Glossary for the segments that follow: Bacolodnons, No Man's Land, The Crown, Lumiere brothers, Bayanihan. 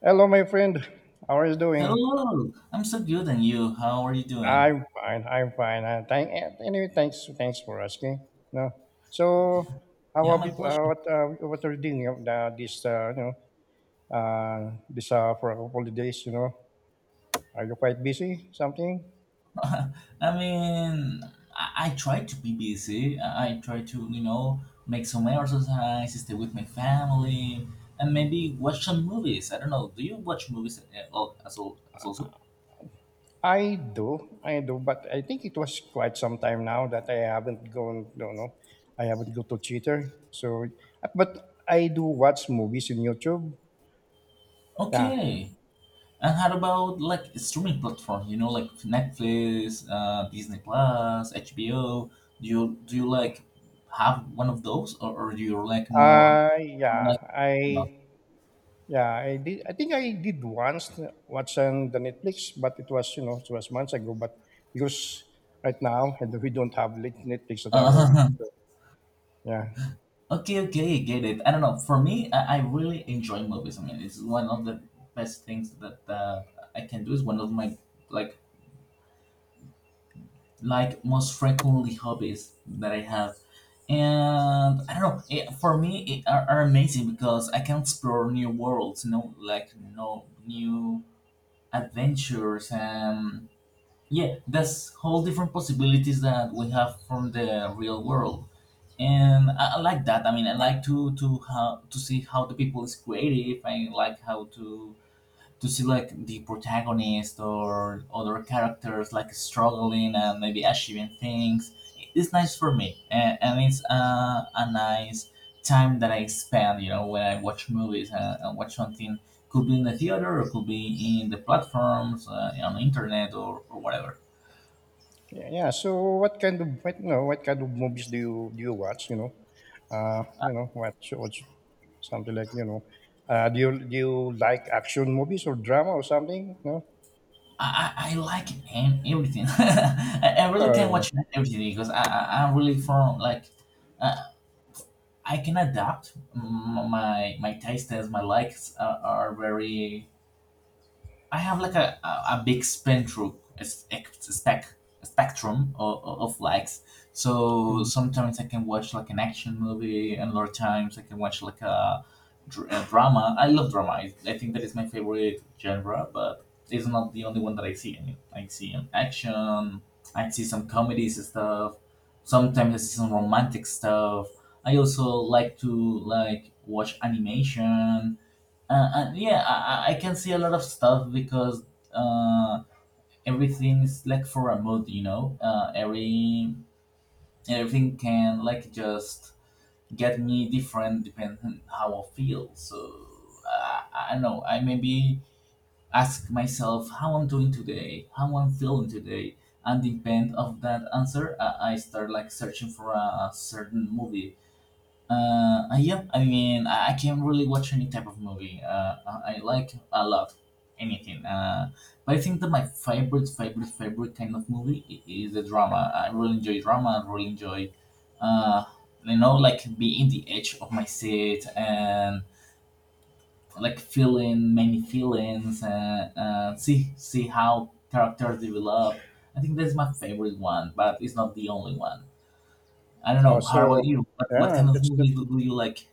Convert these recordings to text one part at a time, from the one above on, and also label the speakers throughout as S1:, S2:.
S1: Hello, my friend. How are you doing?
S2: Hello, I'm so good, and you? How are you doing?
S1: I'm fine. I'm fine. Thank anyway. Thanks. Thanks for asking. No. So, how
S2: Yeah,
S1: are
S2: my
S1: you,
S2: pleasure.
S1: what are you doing of this this for a couple of days? You know, are you quite busy? Something?
S2: I mean, I try to be busy. I try to, you know, make some exercise, stay with my family, and maybe watch some movies. I don't know. Do you watch movies as also?
S1: I do. I do. But I think it was quite some time now that I haven't gone. No, no. I haven't go to theater. So, but I do watch movies in YouTube. Yeah.
S2: Okay. And how about like streaming platforms? You know, like Netflix, Disney Plus, HBO. Do you like have one of those, or do you like more
S1: Uh, yeah. I
S2: like?
S1: Yeah, I did. I think I did once watch on the Netflix, but it was, you know, it was months ago. But because right now and we don't have Netflix at our home.
S2: Uh,
S1: So, yeah,
S2: okay, okay, get it. I don't know. For me, I really enjoy movies. I mean, it's one of the best things that I can do. It's one of my like like most frequently hobbies that I have. And I don't know. It, for me, it are amazing because I can explore new worlds. You know, like no new adventures and yeah, there's whole different possibilities that we have from the real world. And I like that. I mean, I like to how to see how the people is creative. I like how to see like the protagonist or other characters like struggling and maybe achieving things. It's nice for me, and it's a nice time that I spend. You know, when I watch movies and watch something, could be in the theater, or could be in the platforms, on the internet, or whatever.
S1: yeah, yeah. So what kind of what, you know, what kind of movies do you watch? You know, watch something like, you know, do you like action movies or drama or something? No,
S2: I like and Everything. I really
S1: or
S2: can watch everything because I'm really from like uh, I can adapt my my tastes, my likes are very I have like a big spectrum, a spectrum of likes. So
S1: mm.
S2: sometimes I can watch like an action movie, and other times I can watch like a, a drama. I love drama. I think that is my favorite genre, but it's not the only one that I see. I mean, I see an action. I see some comedies and stuff. Sometimes I see some romantic stuff. I also like to like watch animation yeah, I can see a lot of stuff because uh, everything is like for a mood, you know. Everything can like just get me different depending on how I feel. So I don't know. I maybe ask myself how I'm doing today, how I'm feeling today, and depend of that answer, I start like searching for a certain movie yeah, I mean, I can not really watch any type of movie. I like a lot, anything. But I think that my favorite kind of movie is the drama. I really enjoy drama. I really enjoy, uh, you know, like being the edge of my seat and like feeling many feelings and see how characters develop. I think that's my favorite one, but it's not the only one. I don't
S1: oh,
S2: know.
S1: so
S2: How about you? What
S1: yeah,
S2: kind of movies
S1: that's
S2: do you like?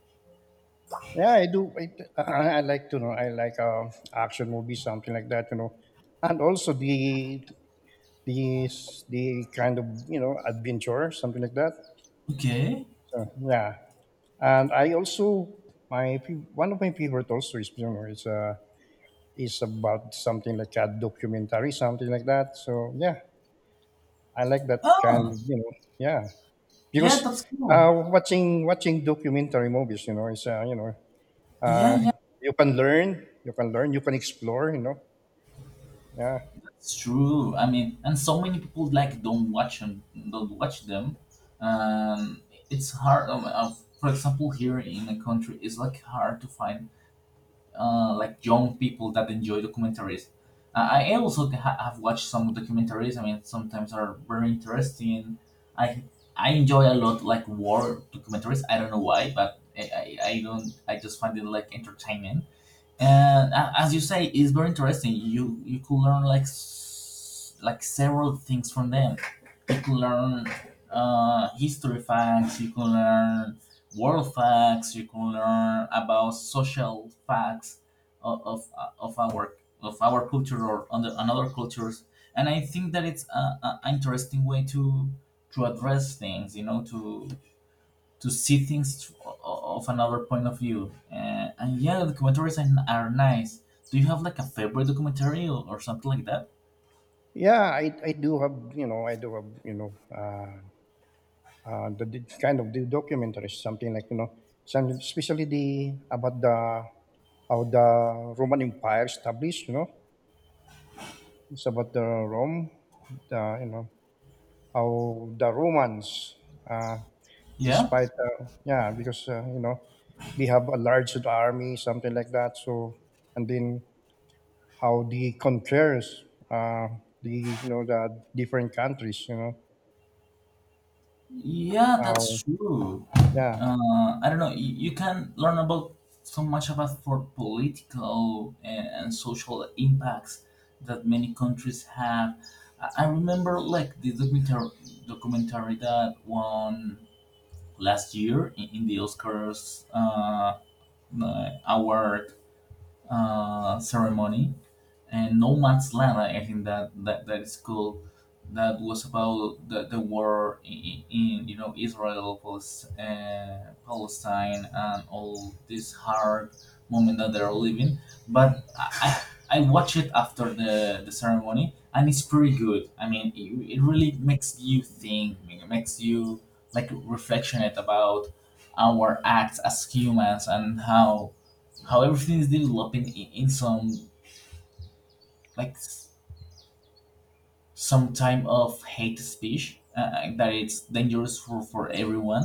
S1: yeah, I do. I like to know. I like action movies, something like that. You know, and also the the kind of, you know, adventure, something like that.
S2: Okay.
S1: So yeah, and I also one of my favorite also is, you know, is about something like a documentary, something like that. So yeah, I like that kind
S2: Oh,
S1: of, you know, yeah,
S2: yeah,
S1: because
S2: that's cool.
S1: watching documentary movies, you know, is you know,
S2: Yeah,
S1: uh,
S2: yeah,
S1: you can learn, you can explore, you know. Yeah,
S2: that's true. I mean, and so many people like don't watch them. Um, it's hard. For example, here in the country, it's like hard to find like young people that enjoy documentaries. I also have watched some documentaries. I mean, sometimes are very interesting. I I enjoy a lot like war documentaries. I don't know why, but I don't. I just find it like entertainment and as you say it's very interesting you you could learn like like several things from them you could learn history facts you could learn world facts you could learn about social facts of of, uh, of our of our culture or on the, on other cultures and I think that it's a interesting way to address things you know to see things of another point of view. And yeah, documentaries are nice. Do you have like a favorite documentary or something like that?
S1: yeah, I do have you know I do have, you know, the kind of the documentaries, something like, you know, some, especially the, about the how the Roman Empire established, you know. It's about the Rome, the, you know, how the Romans uh,
S2: Yeah,
S1: despite yeah, because you know, they have a large army, something like that, so and then how they compares, uh, the, you know, the different countries, you know.
S2: yeah,
S1: How,
S2: that's true.
S1: yeah,
S2: I don't know. You can learn about so much about for political and social impacts that many countries have. I remember like the documentary that won last year in the Oscars award ceremony and No Man's Land. I think that that is cool. That was about the war in you know Israel, Palestine, and all this hard moment that they're living. But I watched it after the ceremony, and it's pretty good. I mean, it really makes you think. It makes you like reflectionate about our acts as humans and how everything is developing in some like s- some type of hate speech that it's dangerous for everyone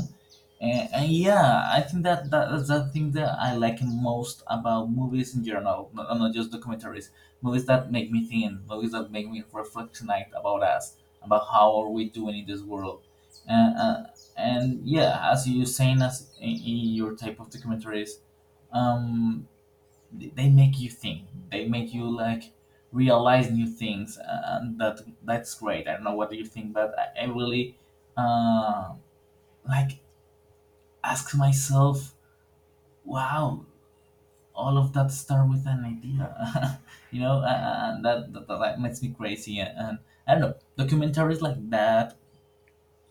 S2: and yeah I think that that's the thing that I like most about movies in general not just documentaries movies that make me think movies that make me reflect tonight about us about how are we doing in this world and, uh, and yeah as you saying as in your type of documentaries um they make you think they make you like realize new things and that that's great I don't know what do you think but I really uh, like ask myself wow all of that start with an idea you know and that that makes me crazy and I don't know documentaries like that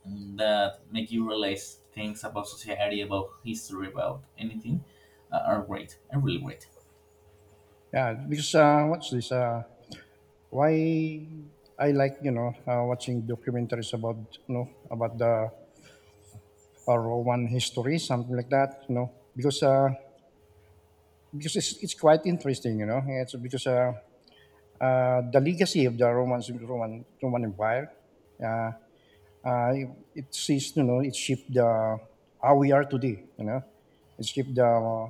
S2: that make you realize things about society about history about anything are great are really great
S1: yeah, because what's this why I like, you know, watching documentaries about, you know, about the Roman history, something like that, you know, because it's quite interesting, you know. It's because the legacy of the Roman Empire, uh, uh, it sees, you know, it shaped the how we are today, you know. It shaped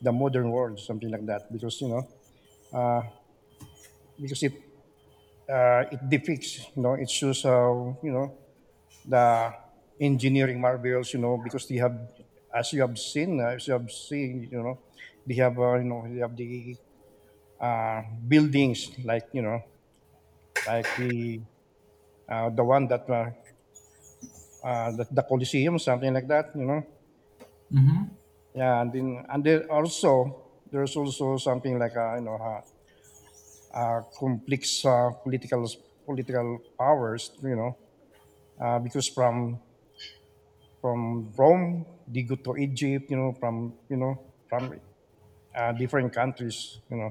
S1: the modern world, something like that, because, you know, uh, because it it depicts, you know, it shows how, you know, the engineering marvels, you know, because they have, as you have seen, you know, they have you know, they have the uh, buildings like, you know, like the one that the Colosseum, something like that, you know.
S2: hmm
S1: Yeah, and then and there also, there's also something like a, you know, a complex political powers. You know, because from Rome they go to Egypt. You know, from, you know, from different countries. You know,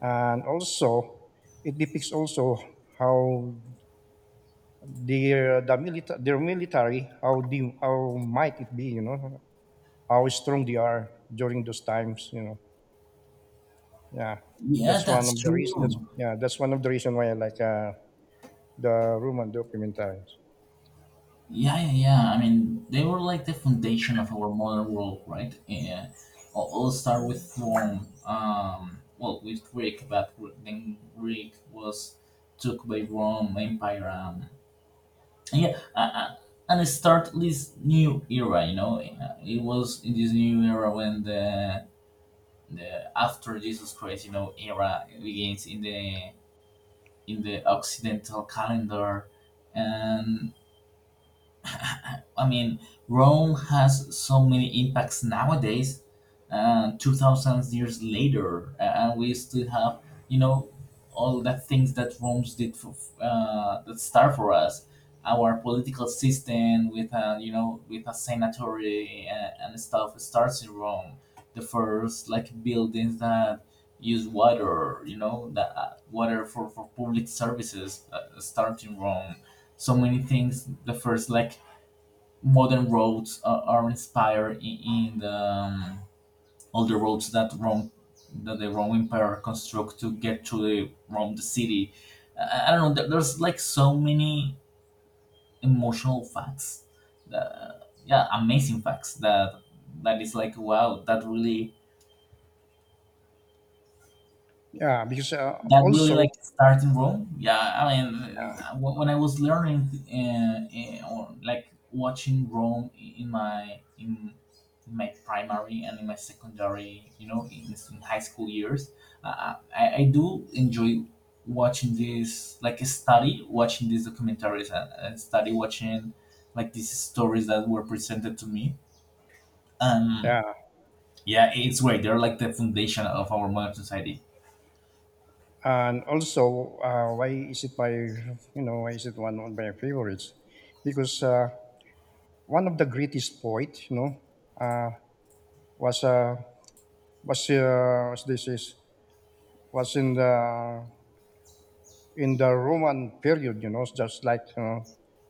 S1: and also it depicts also how their military, how the how might it be. You know, how strong they are during those times. You know, yeah,
S2: yeah
S1: that's one
S2: that's
S1: of the reason. That's
S2: true.
S1: yeah, that's one of the reason why I like the Roman documentaries.
S2: Yeah, yeah, yeah. I mean, they were like the foundation of our modern world, right? Yeah. All start with Rome. Well, with Greek, but then Greek was took by Rome Empire. And yeah, and it start this new era. You know, uh, it was in this new era when the after Jesus Christ, you know, era begins in the Occidental calendar, and I mean, Rome has so many impacts nowadays, 2,000 years later, and we still have, you know, all the things that Rome did for, that start for us, our political system with a, you know, with a senatory and stuff starts in Rome. The first like buildings that use water, you know, the water for public services start in Rome so many things the first like modern roads are inspired in the all the roads that Rome that the Roman Empire construct to get to the Rome the city. I don't know. There's like so many emotional facts. That, yeah, amazing facts that that is like wow.
S1: Yeah, because
S2: That really
S1: also
S2: like started in Rome. Yeah, I mean, when I was learning or like watching Rome in my in my primary and in my secondary, you know, in high school years, I do enjoy watching this like study watching these documentaries and study watching like these stories that were presented to me. Um,
S1: yeah,
S2: yeah, it's great. They're like the foundation of our modern society.
S1: and also why is it my, you know, why is it one of my favorites? Because one of the greatest poet, you know, uh, was uh, was this is was in the Roman period, you know, just like, you know,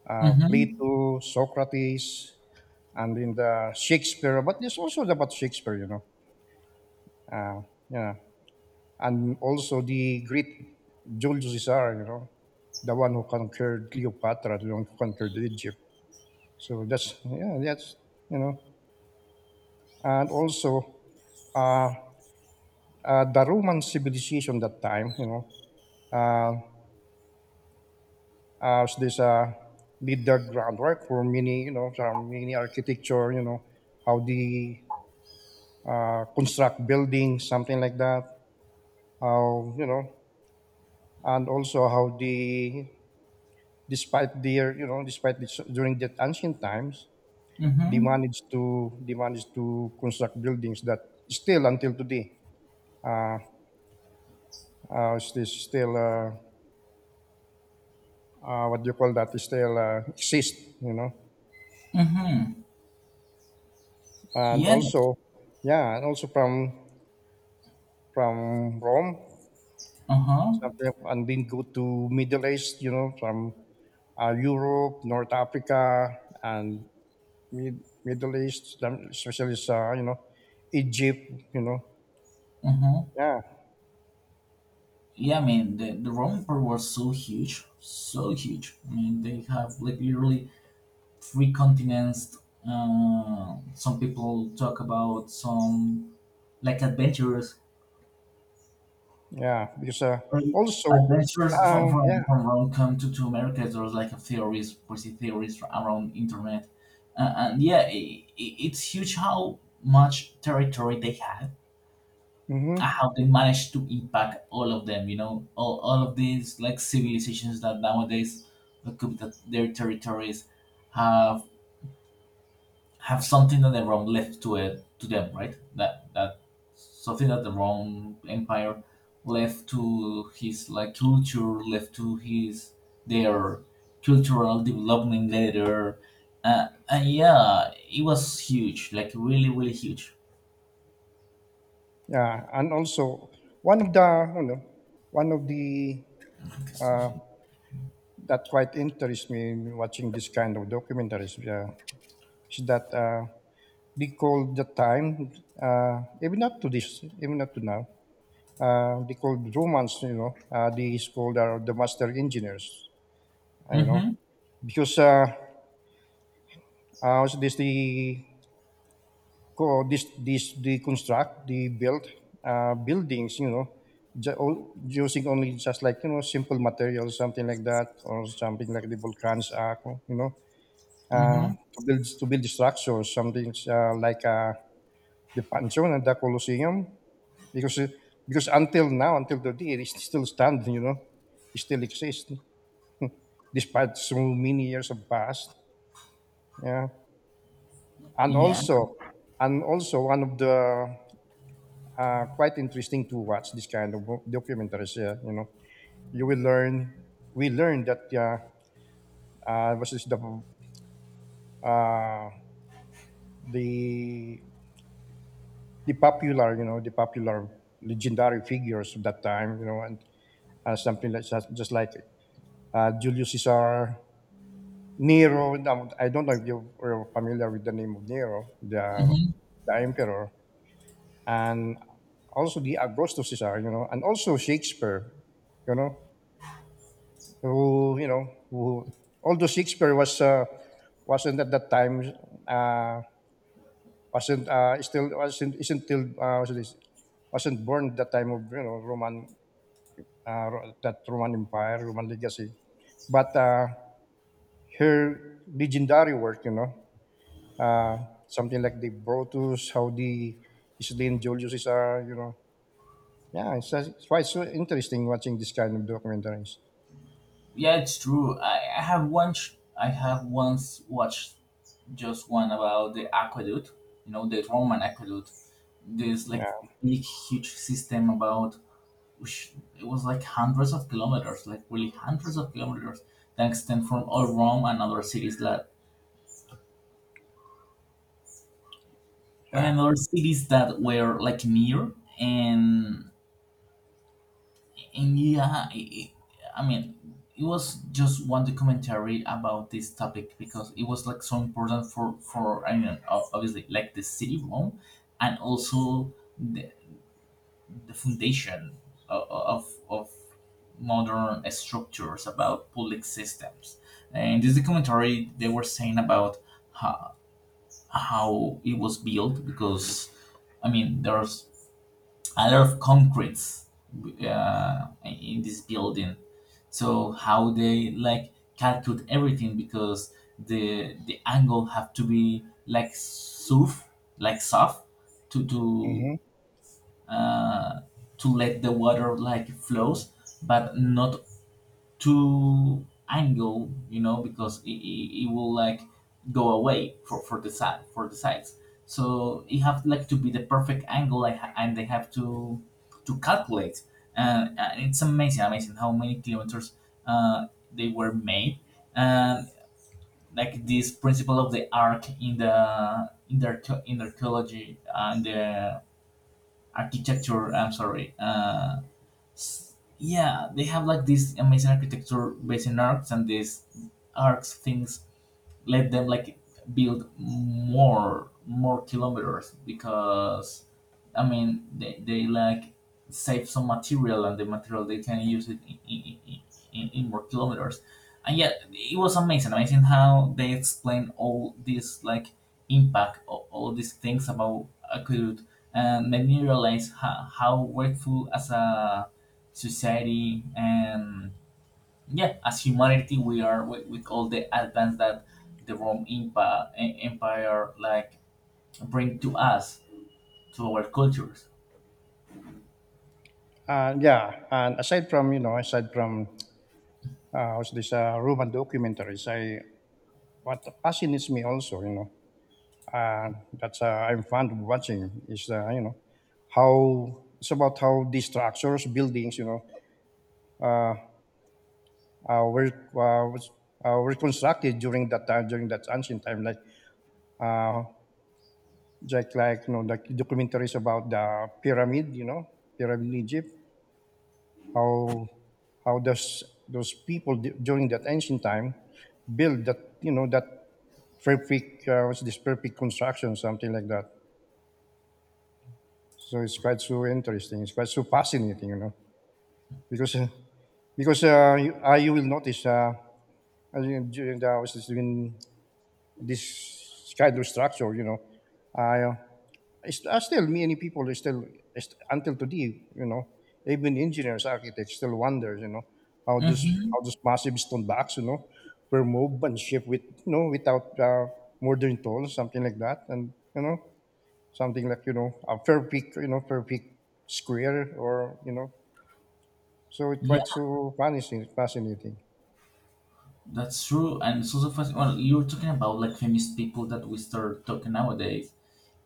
S2: Mm-hmm.
S1: Plato, Socrates, and in the Shakespeare, but there's also about Shakespeare, you know, uh, yeah, and also the great Julius Caesar, you know, the one who conquered Cleopatra, the one who conquered Egypt. So that's, yeah, that's, you know, and also uh, the Roman civilization that time, you know, uh, as this laid the groundwork for many, you know, some many architecture, you know, how they construct buildings, something like that. How, you know, and also how they, despite their, you know, despite this, during that ancient times,
S2: Mm-hmm.
S1: they managed to construct buildings that still until today, uh, is this still what do you call that? Is Still exist, you know,
S2: Mm-hmm.
S1: and
S2: Yeah.
S1: also, yeah, and also from Rome,
S2: Uh huh.
S1: something, and then go to Middle East, you know, from Europe, North Africa, and Middle East, especially you know, Egypt, you know,
S2: Uh huh.
S1: yeah,
S2: Yeah. I mean, the Roman Empire was so huge, so huge. I mean, they have like literally three continents. Some people talk about some like adventurers.
S1: yeah, because
S2: Right.
S1: also,
S2: Adventures from
S1: yeah,
S2: from Rome come to America. There's like a theories, crazy theories around internet, and yeah, I it's huge how much territory they had
S1: hmm
S2: and how they managed to impact all of them you know all of these like civilizations that nowadays occupy the, their territories have have something that the rome left to it to them right that something that the rome empire left to his like culture left to his their cultural development later and yeah it was huge like really really huge
S1: yeah, and also one of the, you know, one of the uh, that quite interests me in watching this kind of documentaries, yeah, is that they call the time, even up to now, they call Romans, you know, they is called, the master engineers, you know,
S2: mm-hmm,
S1: because uh, also, this the co- this the construct the built buildings. You know, using only just, like, you know, simple materials, something like that, or something like the Volcans Act. You know,
S2: mm-hmm.
S1: to build structures, something the Pantheon and the Colosseum, because uh, because until now, until today, it's still standing. You know, it still exists despite so many years have passed. Yeah, and
S2: Yeah.
S1: also, and also one of the quite interesting to watch this kind of documentaries. Yeah, you know, you will learn. We learned that, yeah, was is uh, the the popular, you know, the popular legendary figures of that time, you know, and something like just like Julius Caesar, Nero. Now, I don't know if you are familiar with the name of Nero, the emperor, and also the Augustus Caesar, you know, and also Shakespeare, you know, who, you know, who, although Shakespeare was wasn't at that time uh, wasn't still wasn't isn't till was this, wasn't born at that time of, you know, Roman Ro- that Roman Empire Roman legacy, but her legendary work, you know, uh, something like the Brutus, how the Isidine Julius is Caesar, you know, yeah, it's quite so interesting watching this kind of documentaries.
S2: Yeah, it's true. I have once watched just one about the aqueduct, you know, the Roman aqueduct. This like
S1: Yeah,
S2: big huge system about which it was like hundreds of kilometers, like really hundreds of kilometers that extend from all Rome and other cities that well,
S1: yeah.
S2: and other cities that were like near and and yeah, I mean, it was just one documentary about this topic because it was like so important for I mean, obviously like the city of Rome, and also the foundation of, modern structures about public systems. And this documentary, they were saying about how, how it was built because, I mean, there's a lot of concretes in this building. So how they like calculate everything because the angle have to be like soft, to to
S1: Mm-hmm.
S2: uh, to let the water like flows, but not to angle, because it will like go away for the sides, so it have like to be the perfect angle like, and they have to calculate. And it's amazing how many kilometers uh, they were made, and like this principle of the arc in the archaeology and the architecture, I'm sorry. Yeah, they have like this amazing architecture based in arcs, and these arcs things let them like build more kilometers because I mean they like save some material, and the material they can use it in more kilometers. And yeah, it was amazing how they explain all this like impact of all these things about aqueduct, and made me realize how workful as a society, and yeah, as humanity we are with all the advance that the Rome Empire, like bring to us, to our cultures.
S1: Yeah, and aside from, you know, aside from how's this Roman documentaries, I what fascinates me also, you know, uh, that I'm fond of watching is you know, how it's about how these structures, buildings, you know, uh, were uh, was, were constructed during that time, during that ancient time, uh, like, you know, like documentaries about the pyramid, you know, pyramid in Egypt. how how does those people during that ancient time build that, you know, that perfect what's this perfect construction, something like that. So it's quite so interesting, it's quite so fascinating, you know, because you will notice I mean, during the during this kind of structure, you know, uh, it's, still, many people are still, until today, you know, even engineers, architects still wonder, you know, how
S2: Hmm.
S1: this massive stone box, you know, were moved and shipped with, you know, without modern tools, something like that. And, you know, something like, you know, a perfect, you know, perfect square or, you know. So it's
S2: Yeah,
S1: quite so fascinating, fascinating.
S2: that's true, and it's also fast, well, you're talking about like famous people that we start talking nowadays,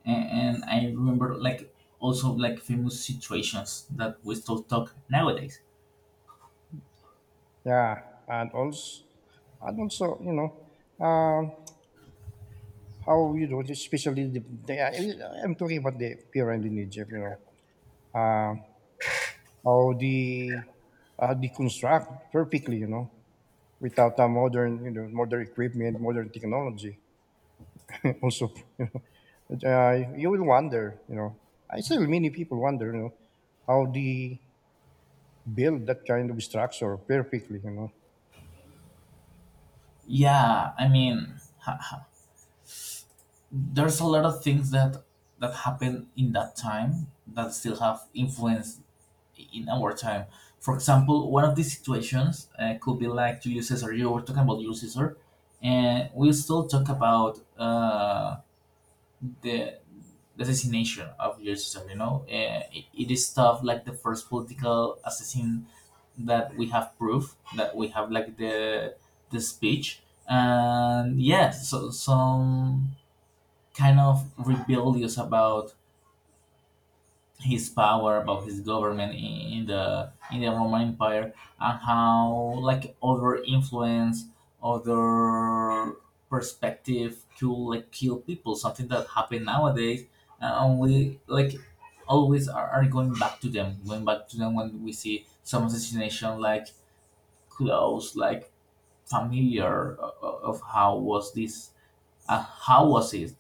S2: and I remember like also like famous situations that we still talk nowadays.
S1: Yeah. And also, and also, you know, how, you know, especially the I'm talking about the pyramid in Egypt, you know, uh, how they how they construct perfectly, you know, without a modern, you know, modern equipment, modern technology. Also, you know, you will wonder, you know, I still many people wonder, you know, how they build that kind of structure perfectly, you know.
S2: Yeah, I mean, there's a lot of things that happened in that time that still have influenced in our time. For example, one of these situations could be like Julius Caesar. You were talking about Julius Caesar, and we still talk about the the assassination of Julius Caesar. You know, it is stuff like the first political assassin that we have proof, that we have like the speech. And yeah, so some kind of rebellious about his power, about his government in the Roman Empire, and how like other influence, other perspective could like kill people, something that happen nowadays. And only like always are going back to them, when we see some assassination like close, like familiar, of how was it.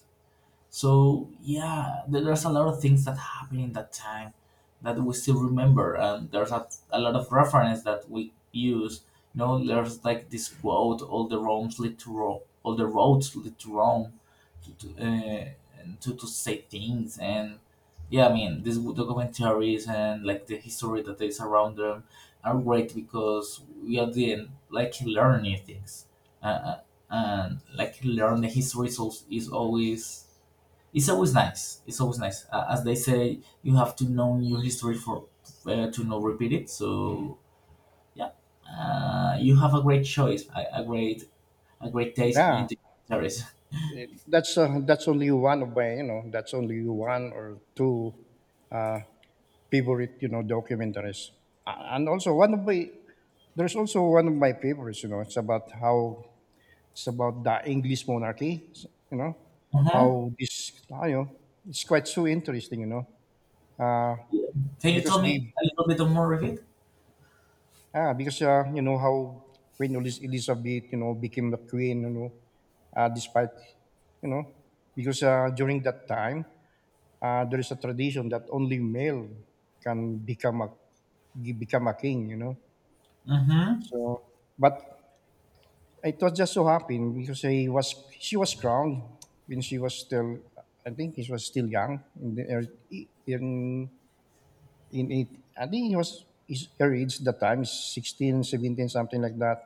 S2: So yeah, there's a lot of things that happened in that time that we still remember, and there's a lot of reference that we use. You know, there's like this quote: "All the roads lead to Rome. All the roads lead to Rome." To, to, uh, and to say things. And yeah, I mean these documentaries and like the history that is around them are great because we are then like learn new things. Uh, uh, and like learn, the history is always. It's always nice. It's always nice. As they say, you have to know your history for to not repeat it. So yeah, you have a great choice, a great taste
S1: Yeah,
S2: in the series.
S1: that's only one of my, you know, that's only one or two uh, favorite, you know, documentaries. And also one of my, there's also one of my favorites, you know, it's about how, it's about the English monarchy. You know
S2: Uh-huh.
S1: how this. Ah, you know, it's quite so interesting. You know, uh,
S2: Yeah. Can you
S1: because
S2: tell me
S1: the
S2: a little bit more of it?
S1: ah because you know how Queen Elizabeth, you know, became the queen. You know, despite, you know, because during that time there is a tradition that only male can become a, become a king. You know,
S2: Mm-hmm.
S1: so, but it was just so happened because I was, she was crowned when she was still, I think she was still young in the, in in it, I think he was his her age at the time 16, 17, something like that.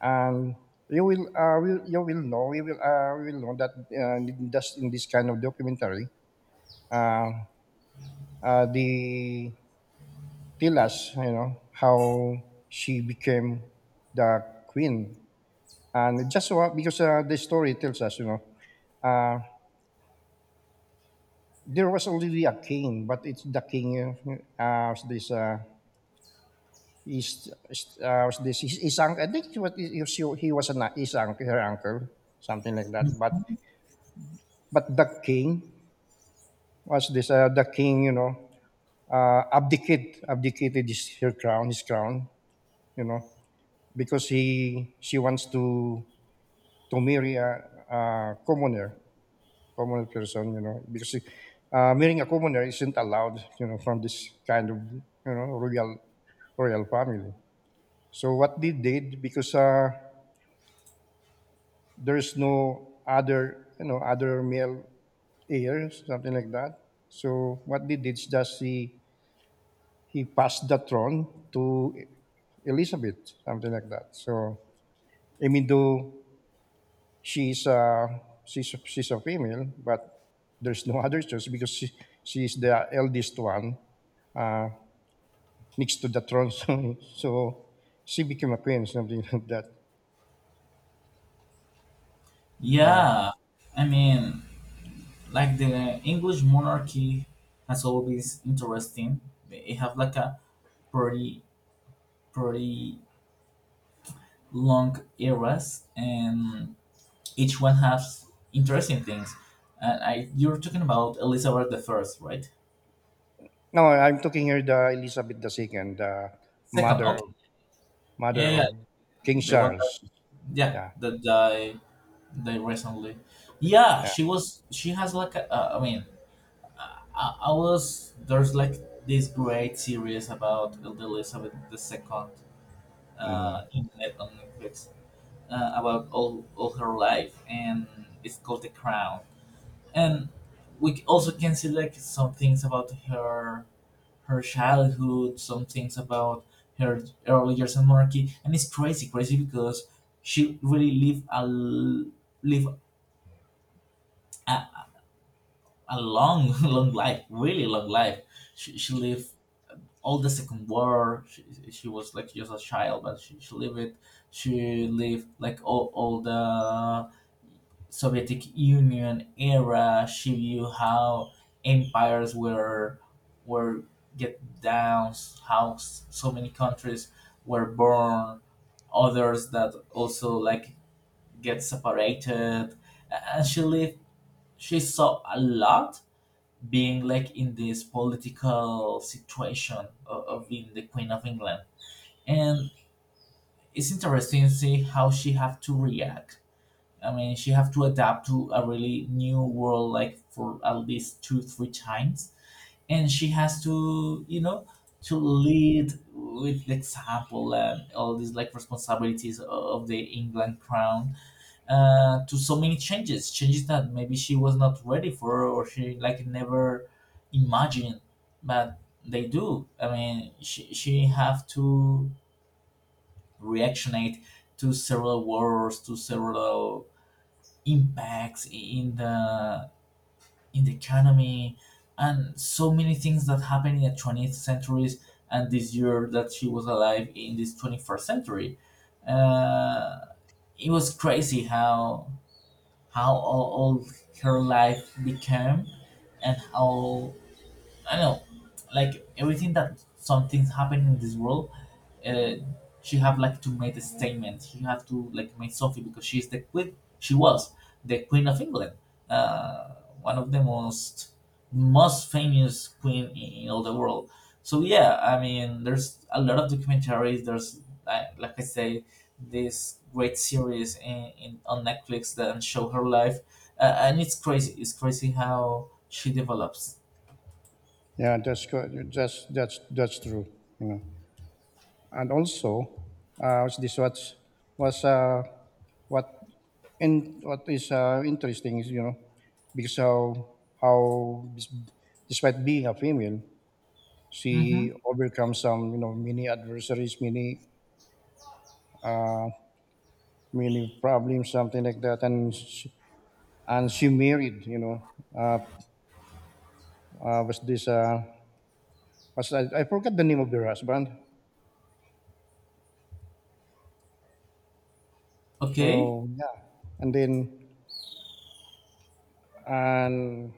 S1: And You will know you will we will know that in in this kind of documentary. uh, they tell us, you know, how she became the queen. And just so because the story tells us, you know, uh, there was already a king, but it's the king uh, was this. Uh, is was this his uncle? I think what he was his uncle, her uncle, something like that. But the king was this. The king, you know, abdicated his her crown, his crown, you know, because he she wants to marry a commoner, common person, you know, because marrying a commoner isn't allowed, you know, from this kind of, you know, royal family. So what they did, because there's no other, you know, other male heir, something like that. So what they did is just he passed the throne to Elizabeth, something like that. So I mean, though she's uh, she's a female, but there's no other choice because she's the eldest one uh, next to the throne. So she became a queen, something like that. Yeah.
S2: Yeah, I mean, like the English monarchy has always interesting. They have like a pretty pretty long eras, and each one has interesting things. And you're talking about Elizabeth the First, right?
S1: No, I'm talking here the Elizabeth the Second, the
S2: Second,
S1: mother of
S2: okay.
S1: mother
S2: Yeah, yeah,
S1: of King
S2: the one that,
S1: Charles.
S2: yeah,
S1: Yeah,
S2: that died recently. Yeah,
S1: yeah,
S2: she has like, I mean, I, I was there's like this great series about Elizabeth the Second
S1: hmm
S2: in net on Netflix, about all her life, and it's called The Crown. And we also can see like some things about her childhood, some things about her early years in Monarchy. And it's crazy, crazy because she really lived a l- live a, a long, long life, really long life. She lived all the Second War. She was like just a child, but she lived it. She lived like all the Soviet Union era. She viewed how empires were get down, how so many countries were born, others that also like get separated. And she lived. She saw a lot, being like in this political situation of being the Queen of England, and it's interesting to see how she have to react. I mean, she have to adapt to a really new world, like for at least two, three times. And she has to, to lead with the example and all these like responsibilities of the England crown, to so many changes, changes that maybe she was not ready for, or she like never imagined, but they do. I mean, she have to reactionate to several wars, to several impacts in the economy, and so many things that happened in the 20th centuries, and this year that she was alive in this 21st century. uh, it was crazy how all her life became, and how, I don't know, like everything, that some things happen in this world. uh, she have like to make a statement. She have to like make something because she's the queen. She was the queen of England, uh, one of the most famous queen in all the world. So yeah, I mean, there's a lot of documentaries. There's like I say, this great series in on Netflix that show her life, and it's crazy. It's crazy how she develops.
S1: yeah. That's true. You know, and also, was this what was what and what is interesting is, you know, because how how des- despite being a female,
S2: Hmm.
S1: she overcome, some you know, many adversaries, many many problems, something like that. And she, and she married, you know, uh, was this was I forgot the name of her husband.
S2: Okay,
S1: So yeah, and then and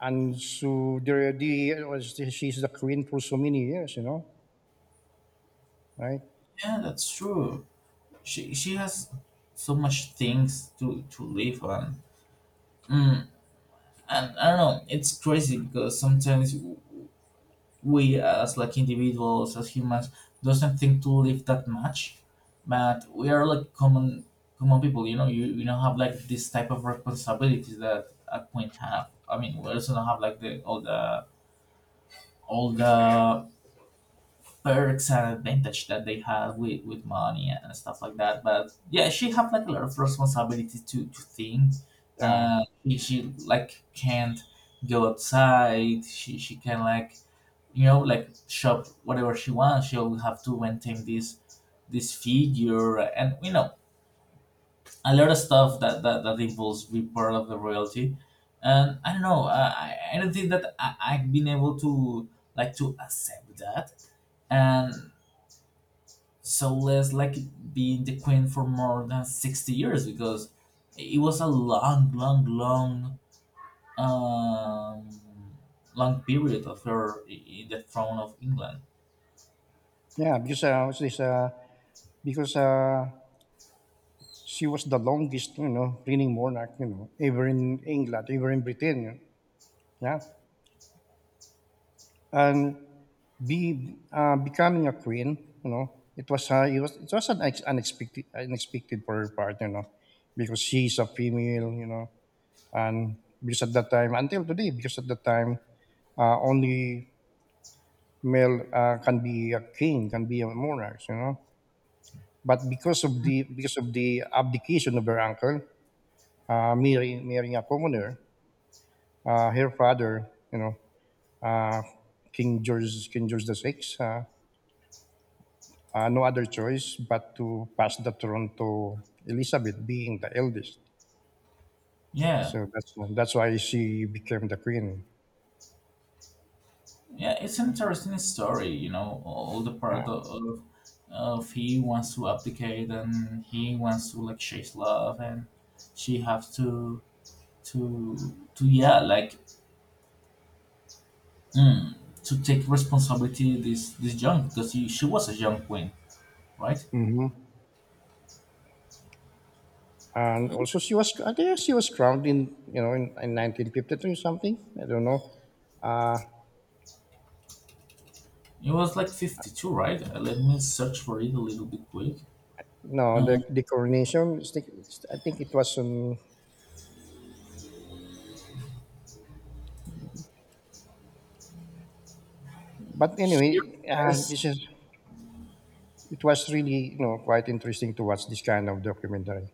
S1: and so there the was she's the queen for so many years, you know, right.
S2: yeah, that's true. She has so much things to live on. mm, and I don't know, it's crazy because sometimes we as like individuals as humans doesn't think to live that much, but we are like common people. You don't have like this type of responsibilities that a queen have. I mean, we also don't have like the all the all the perks and advantage that they have with money and stuff like that. But yeah, she have like a lot of responsibility to think.
S1: Yeah,
S2: She like can't go outside. She can like, like shop whatever she wants. She'll have to maintain this figure, and a lot of stuff that involves be part of the royalty. And I don't know. I don't think that I've been able to like to accept that, and so less like being the queen for more than 60 years because it was a long, long, long, um, long period of her in the throne of England.
S1: yeah, because was this because she was the longest, you know, reigning monarch, you know, ever in England, ever in Britain. Yeah. And be becoming a queen, you know, it was it was an unexpected for her partner, you know, because she's a female, you know. And because at that time until today because at that time, only male can be a king, can be a monarch, you know, but because of the abdication of her uncle, marrying a commoner. Her father, you know, uh, King George King George the Sixth, no other choice but to pass the throne to Elizabeth, being the eldest.
S2: Yeah,
S1: So that's why she became the queen.
S2: yeah, it's an interesting story, you know, all the part of he wants to abdicate, and he wants to like chase love, and she has to to mm, to take responsibility this young because she was a young queen, right?
S1: Hmm. And also, she was, I think she was crowned in, you know, in 1953 something. I don't know. Uh,
S2: It was like 52, right? Let me search for it a little bit quick.
S1: no,
S2: Uh,
S1: the coronation is the- I think it was. But anyway,
S2: Here says,
S1: this is it was really, you know, quite interesting to watch this kind of documentary.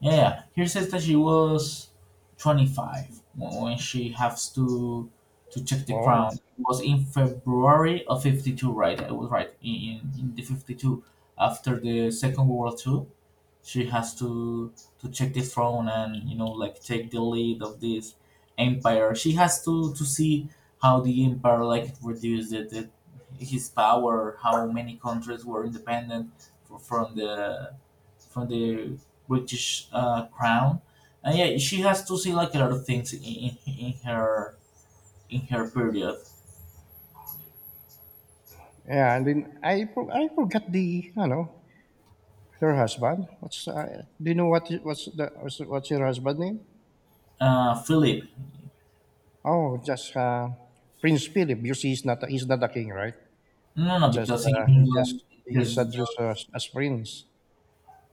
S2: yeah, here says that she was 25, when she has to check the crown.
S1: Oh,
S2: It was in February of 52, right? I was right in the 52 after the Second World War. She has to check the throne, and like take the lead of this empire. She has to see how the empire like reduced it his power, how many countries were independent fr- from the from the British crown. And yeah, she has to see like a lot of things in her period.
S1: yeah, and then I I forgot the, you know, her husband. What's do you know what what's your husband name?
S2: Philip.
S1: Oh, just Prince Philip. You see, he's not a king, right?
S2: No, no,
S1: Just
S2: because in England,
S1: he's addressed
S2: just
S1: as prince.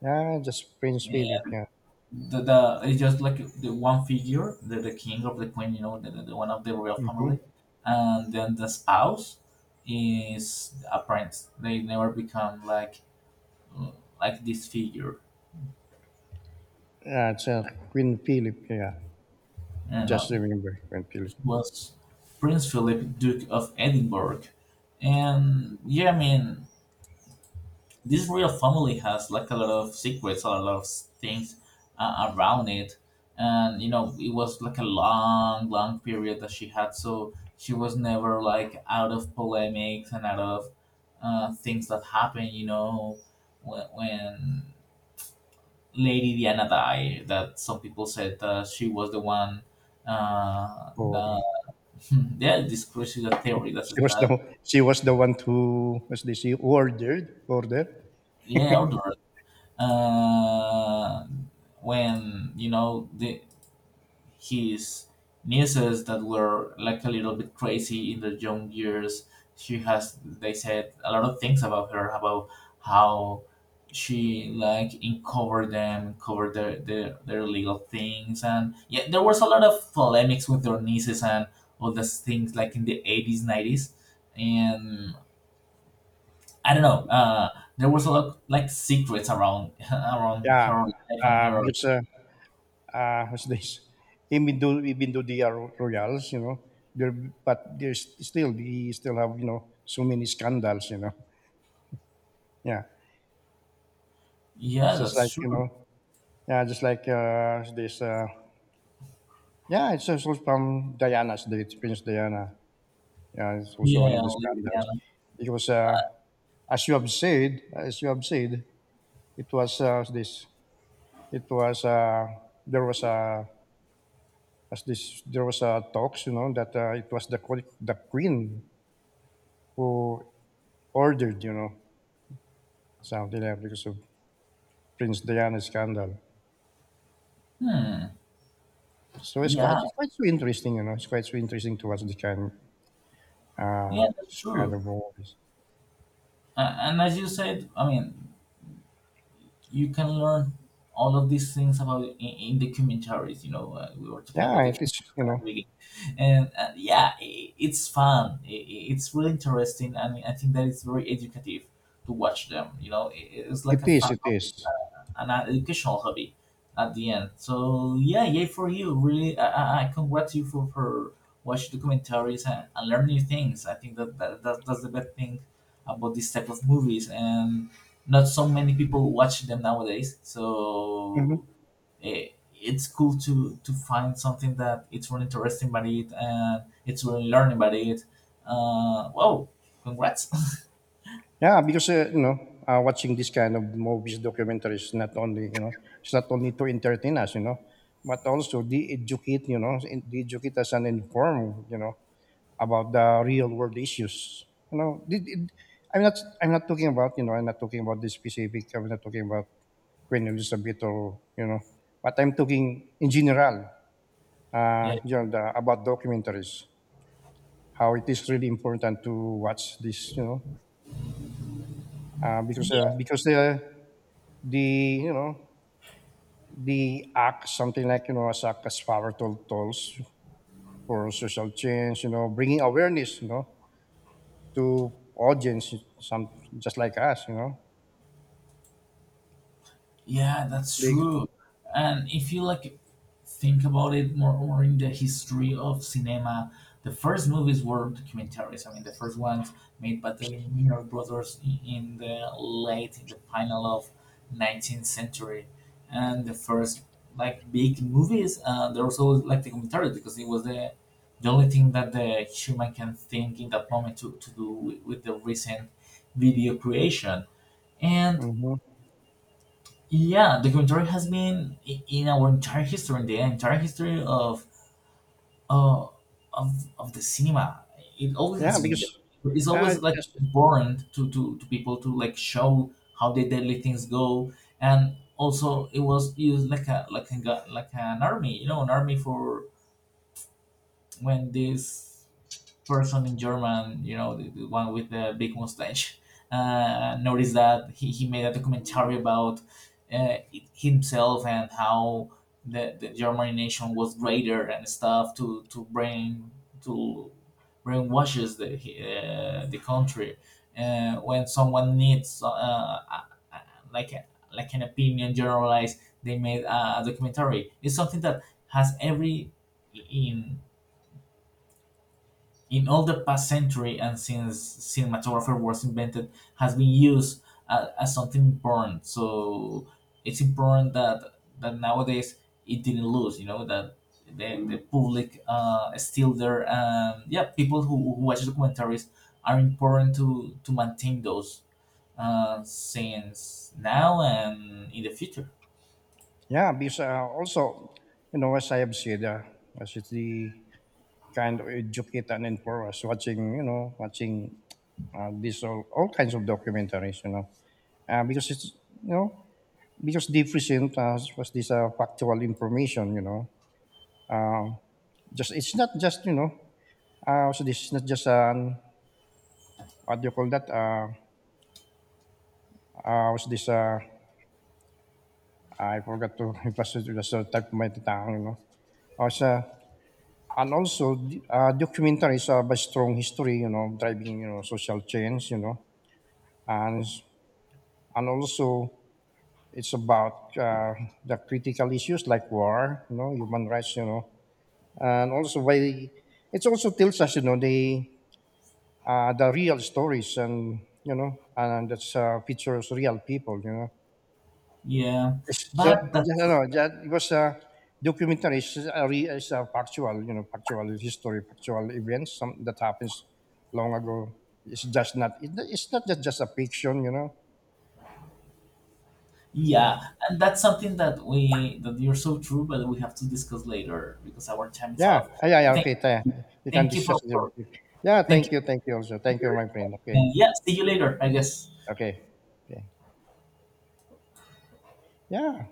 S1: Yeah, just Prince Philip. Yeah.
S2: the it's just like the one figure, the king or the queen, you know, the one of the royal family,
S1: Mm-hmm.
S2: and then the spouse is a prince. They never become like this figure.
S1: Yeah, it's Queen Philip. Yeah,
S2: You
S1: just
S2: know,
S1: remember Queen Philip.
S2: it was Prince Philip, Duke of Edinburgh, and yeah, I mean this real family has like a lot of secrets, a lot of things around it, and it was like a long, long period that she had, so she was never like out of polemics and out of things that happen. You know, when Lady Diana died, that some people said that she was the one.
S1: Oh,
S2: That yeah, this crazy theory, that's
S1: she was the,
S2: that,
S1: she was the one who was this she ordered,
S2: yeah, order. Uh, when you know the his nieces that were like a little bit crazy in their young years. She has, they said a lot of things about her, about how she like uncovered them, covered their legal things, and yeah, there was a lot of polemics with their nieces and all those things like in the 80s, 90s. And I don't know. There was a lot like secrets around around
S1: Yeah,
S2: her life and her.
S1: because what's this? Even though they are Royals, you know. There, but there's still, he still have, you know, so many scandals, you know. Yeah. It's
S2: Yeah,
S1: just
S2: that's
S1: like, you
S2: true.
S1: know, yeah, just like yeah, it's also from Diana's, the Prince Diana. Yeah, it's also one
S2: Yeah,
S1: of the
S2: Olivia,
S1: scandals.
S2: like.
S1: Because as you have said, it was this, it was, there was a, as this, there was a talks, you know, that it was the, the queen who ordered, you know, something like that because of Prince Diana scandal.
S2: Hmm.
S1: So it's
S2: Yeah,
S1: quite, it's quite so interesting, you know. It's quite so interesting to watch the kind uh
S2: yeah, that's
S1: kind
S2: true.
S1: of movies.
S2: A- And as you said, I mean, you can learn all of these things about in documentaries. You know, we were talking about
S1: Yeah,
S2: the
S1: it is, you
S2: at the
S1: know,
S2: beginning, and yeah, I it's fun. It's really interesting, and I think that it's very educative to watch them. You know, I it's
S1: it
S2: like a
S1: is,
S2: fun,
S1: it is.
S2: an educational hobby at the end. So yeah, yay for you! Really, I congrats you for watching documentaries, and learn new things. I think that that's the best thing about this type of movies, and not so many people watch them nowadays.
S1: Mm-hmm.
S2: So eh, it's cool to find something that it's really interesting about it, and it's really learning about it. Whoa, congrats!
S1: Yeah, because you know, watching this kind of movies, documentaries, not only, you know, it's not only to entertain us, you know, but also de-educate, you know, de-educate us and inform, you know, about the real world issues. You know, I'm not, I'm not talking about, you know, I'm not talking about this specific. I'm not talking about Queen Elizabeth or, you know, but I'm talking in general.
S2: Yeah.
S1: You know, the, about documentaries, how it is really important to watch this. You know, because the you know the act something like you know as act as powerful tools for social change. You know, bringing awareness, you know, to audience, some just like us, you know.
S2: Yeah, that's
S1: Big,
S2: true. And if you like think about it more in the history of cinema, the first movies were documentaries. I mean, the first ones made by the Lumiere brothers in the final of 19th century, and the first, like, big movies. There was always like the commentary because it was the only thing that the human can think in that moment to do with the recent video creation. And
S1: mhm.
S2: yeah, documentary has been in our entire history, in the entire history uh, of of the cinema. It always
S1: Yeah,
S2: has been
S1: because
S2: there. It's
S1: uh,
S2: always like
S1: just
S2: important to people, to like show how the deadly things go. And also, it was used like like an army, you know, an army for when this person in German, you know, the one with the big mustache, noticed that he made a documentary about uh, himself, and how the German nation was greater and stuff, to bring, to brainwashes the country. When someone needs, a- like like an opinion generalized, they made a documentary. It's something that has every in in all the past century, and since cinematographer was invented, has been used as something important. So it's important that nowadays it didn't lose. You know that the public is still there, and yeah, people who watch documentaries are important to maintain those, since now and in the future.
S1: also, you know, as I have said, as it's the kind of educate and inform us, watching, you know, watching this all kinds of documentaries, you know, because it's, you know, because they present us was this factual information, you know, um, just it's not just, you know, so this is not just an what do you call that, was this I forgot to emphasize just the type of my tatang, you know. Uh, sa, and also, documentaries have a strong history, you know, driving, you know, social change, you know. And, s- and also, it's about the critical issues like war, you know, human rights, you know. And also, it also tells us, you know, the real stories and, you know, and that's features real people, you know.
S2: Yeah,
S1: Yes, so,
S2: but that's...
S1: just it was a documentary, it's a, it's a factual, you know, factual history, factual events, some that happens long ago. It's just not. It, it's not just, just a fiction, you know. Yeah.
S2: Yeah, and that's something that you're so true, but we have to discuss later because our time is
S1: Yeah.
S2: up.
S1: Yeah, yeah, yeah.
S2: Thank,
S1: Okay. Taya.
S2: you,
S1: We can
S2: thank you
S1: discuss it. Yeah.
S2: thank
S1: Thank
S2: you
S1: you. Thank you. Also,
S2: for
S1: thank you,
S2: here.
S1: my friend. Okay.
S2: And yeah, see you later, I guess.
S1: Okay. Okay. Yeah.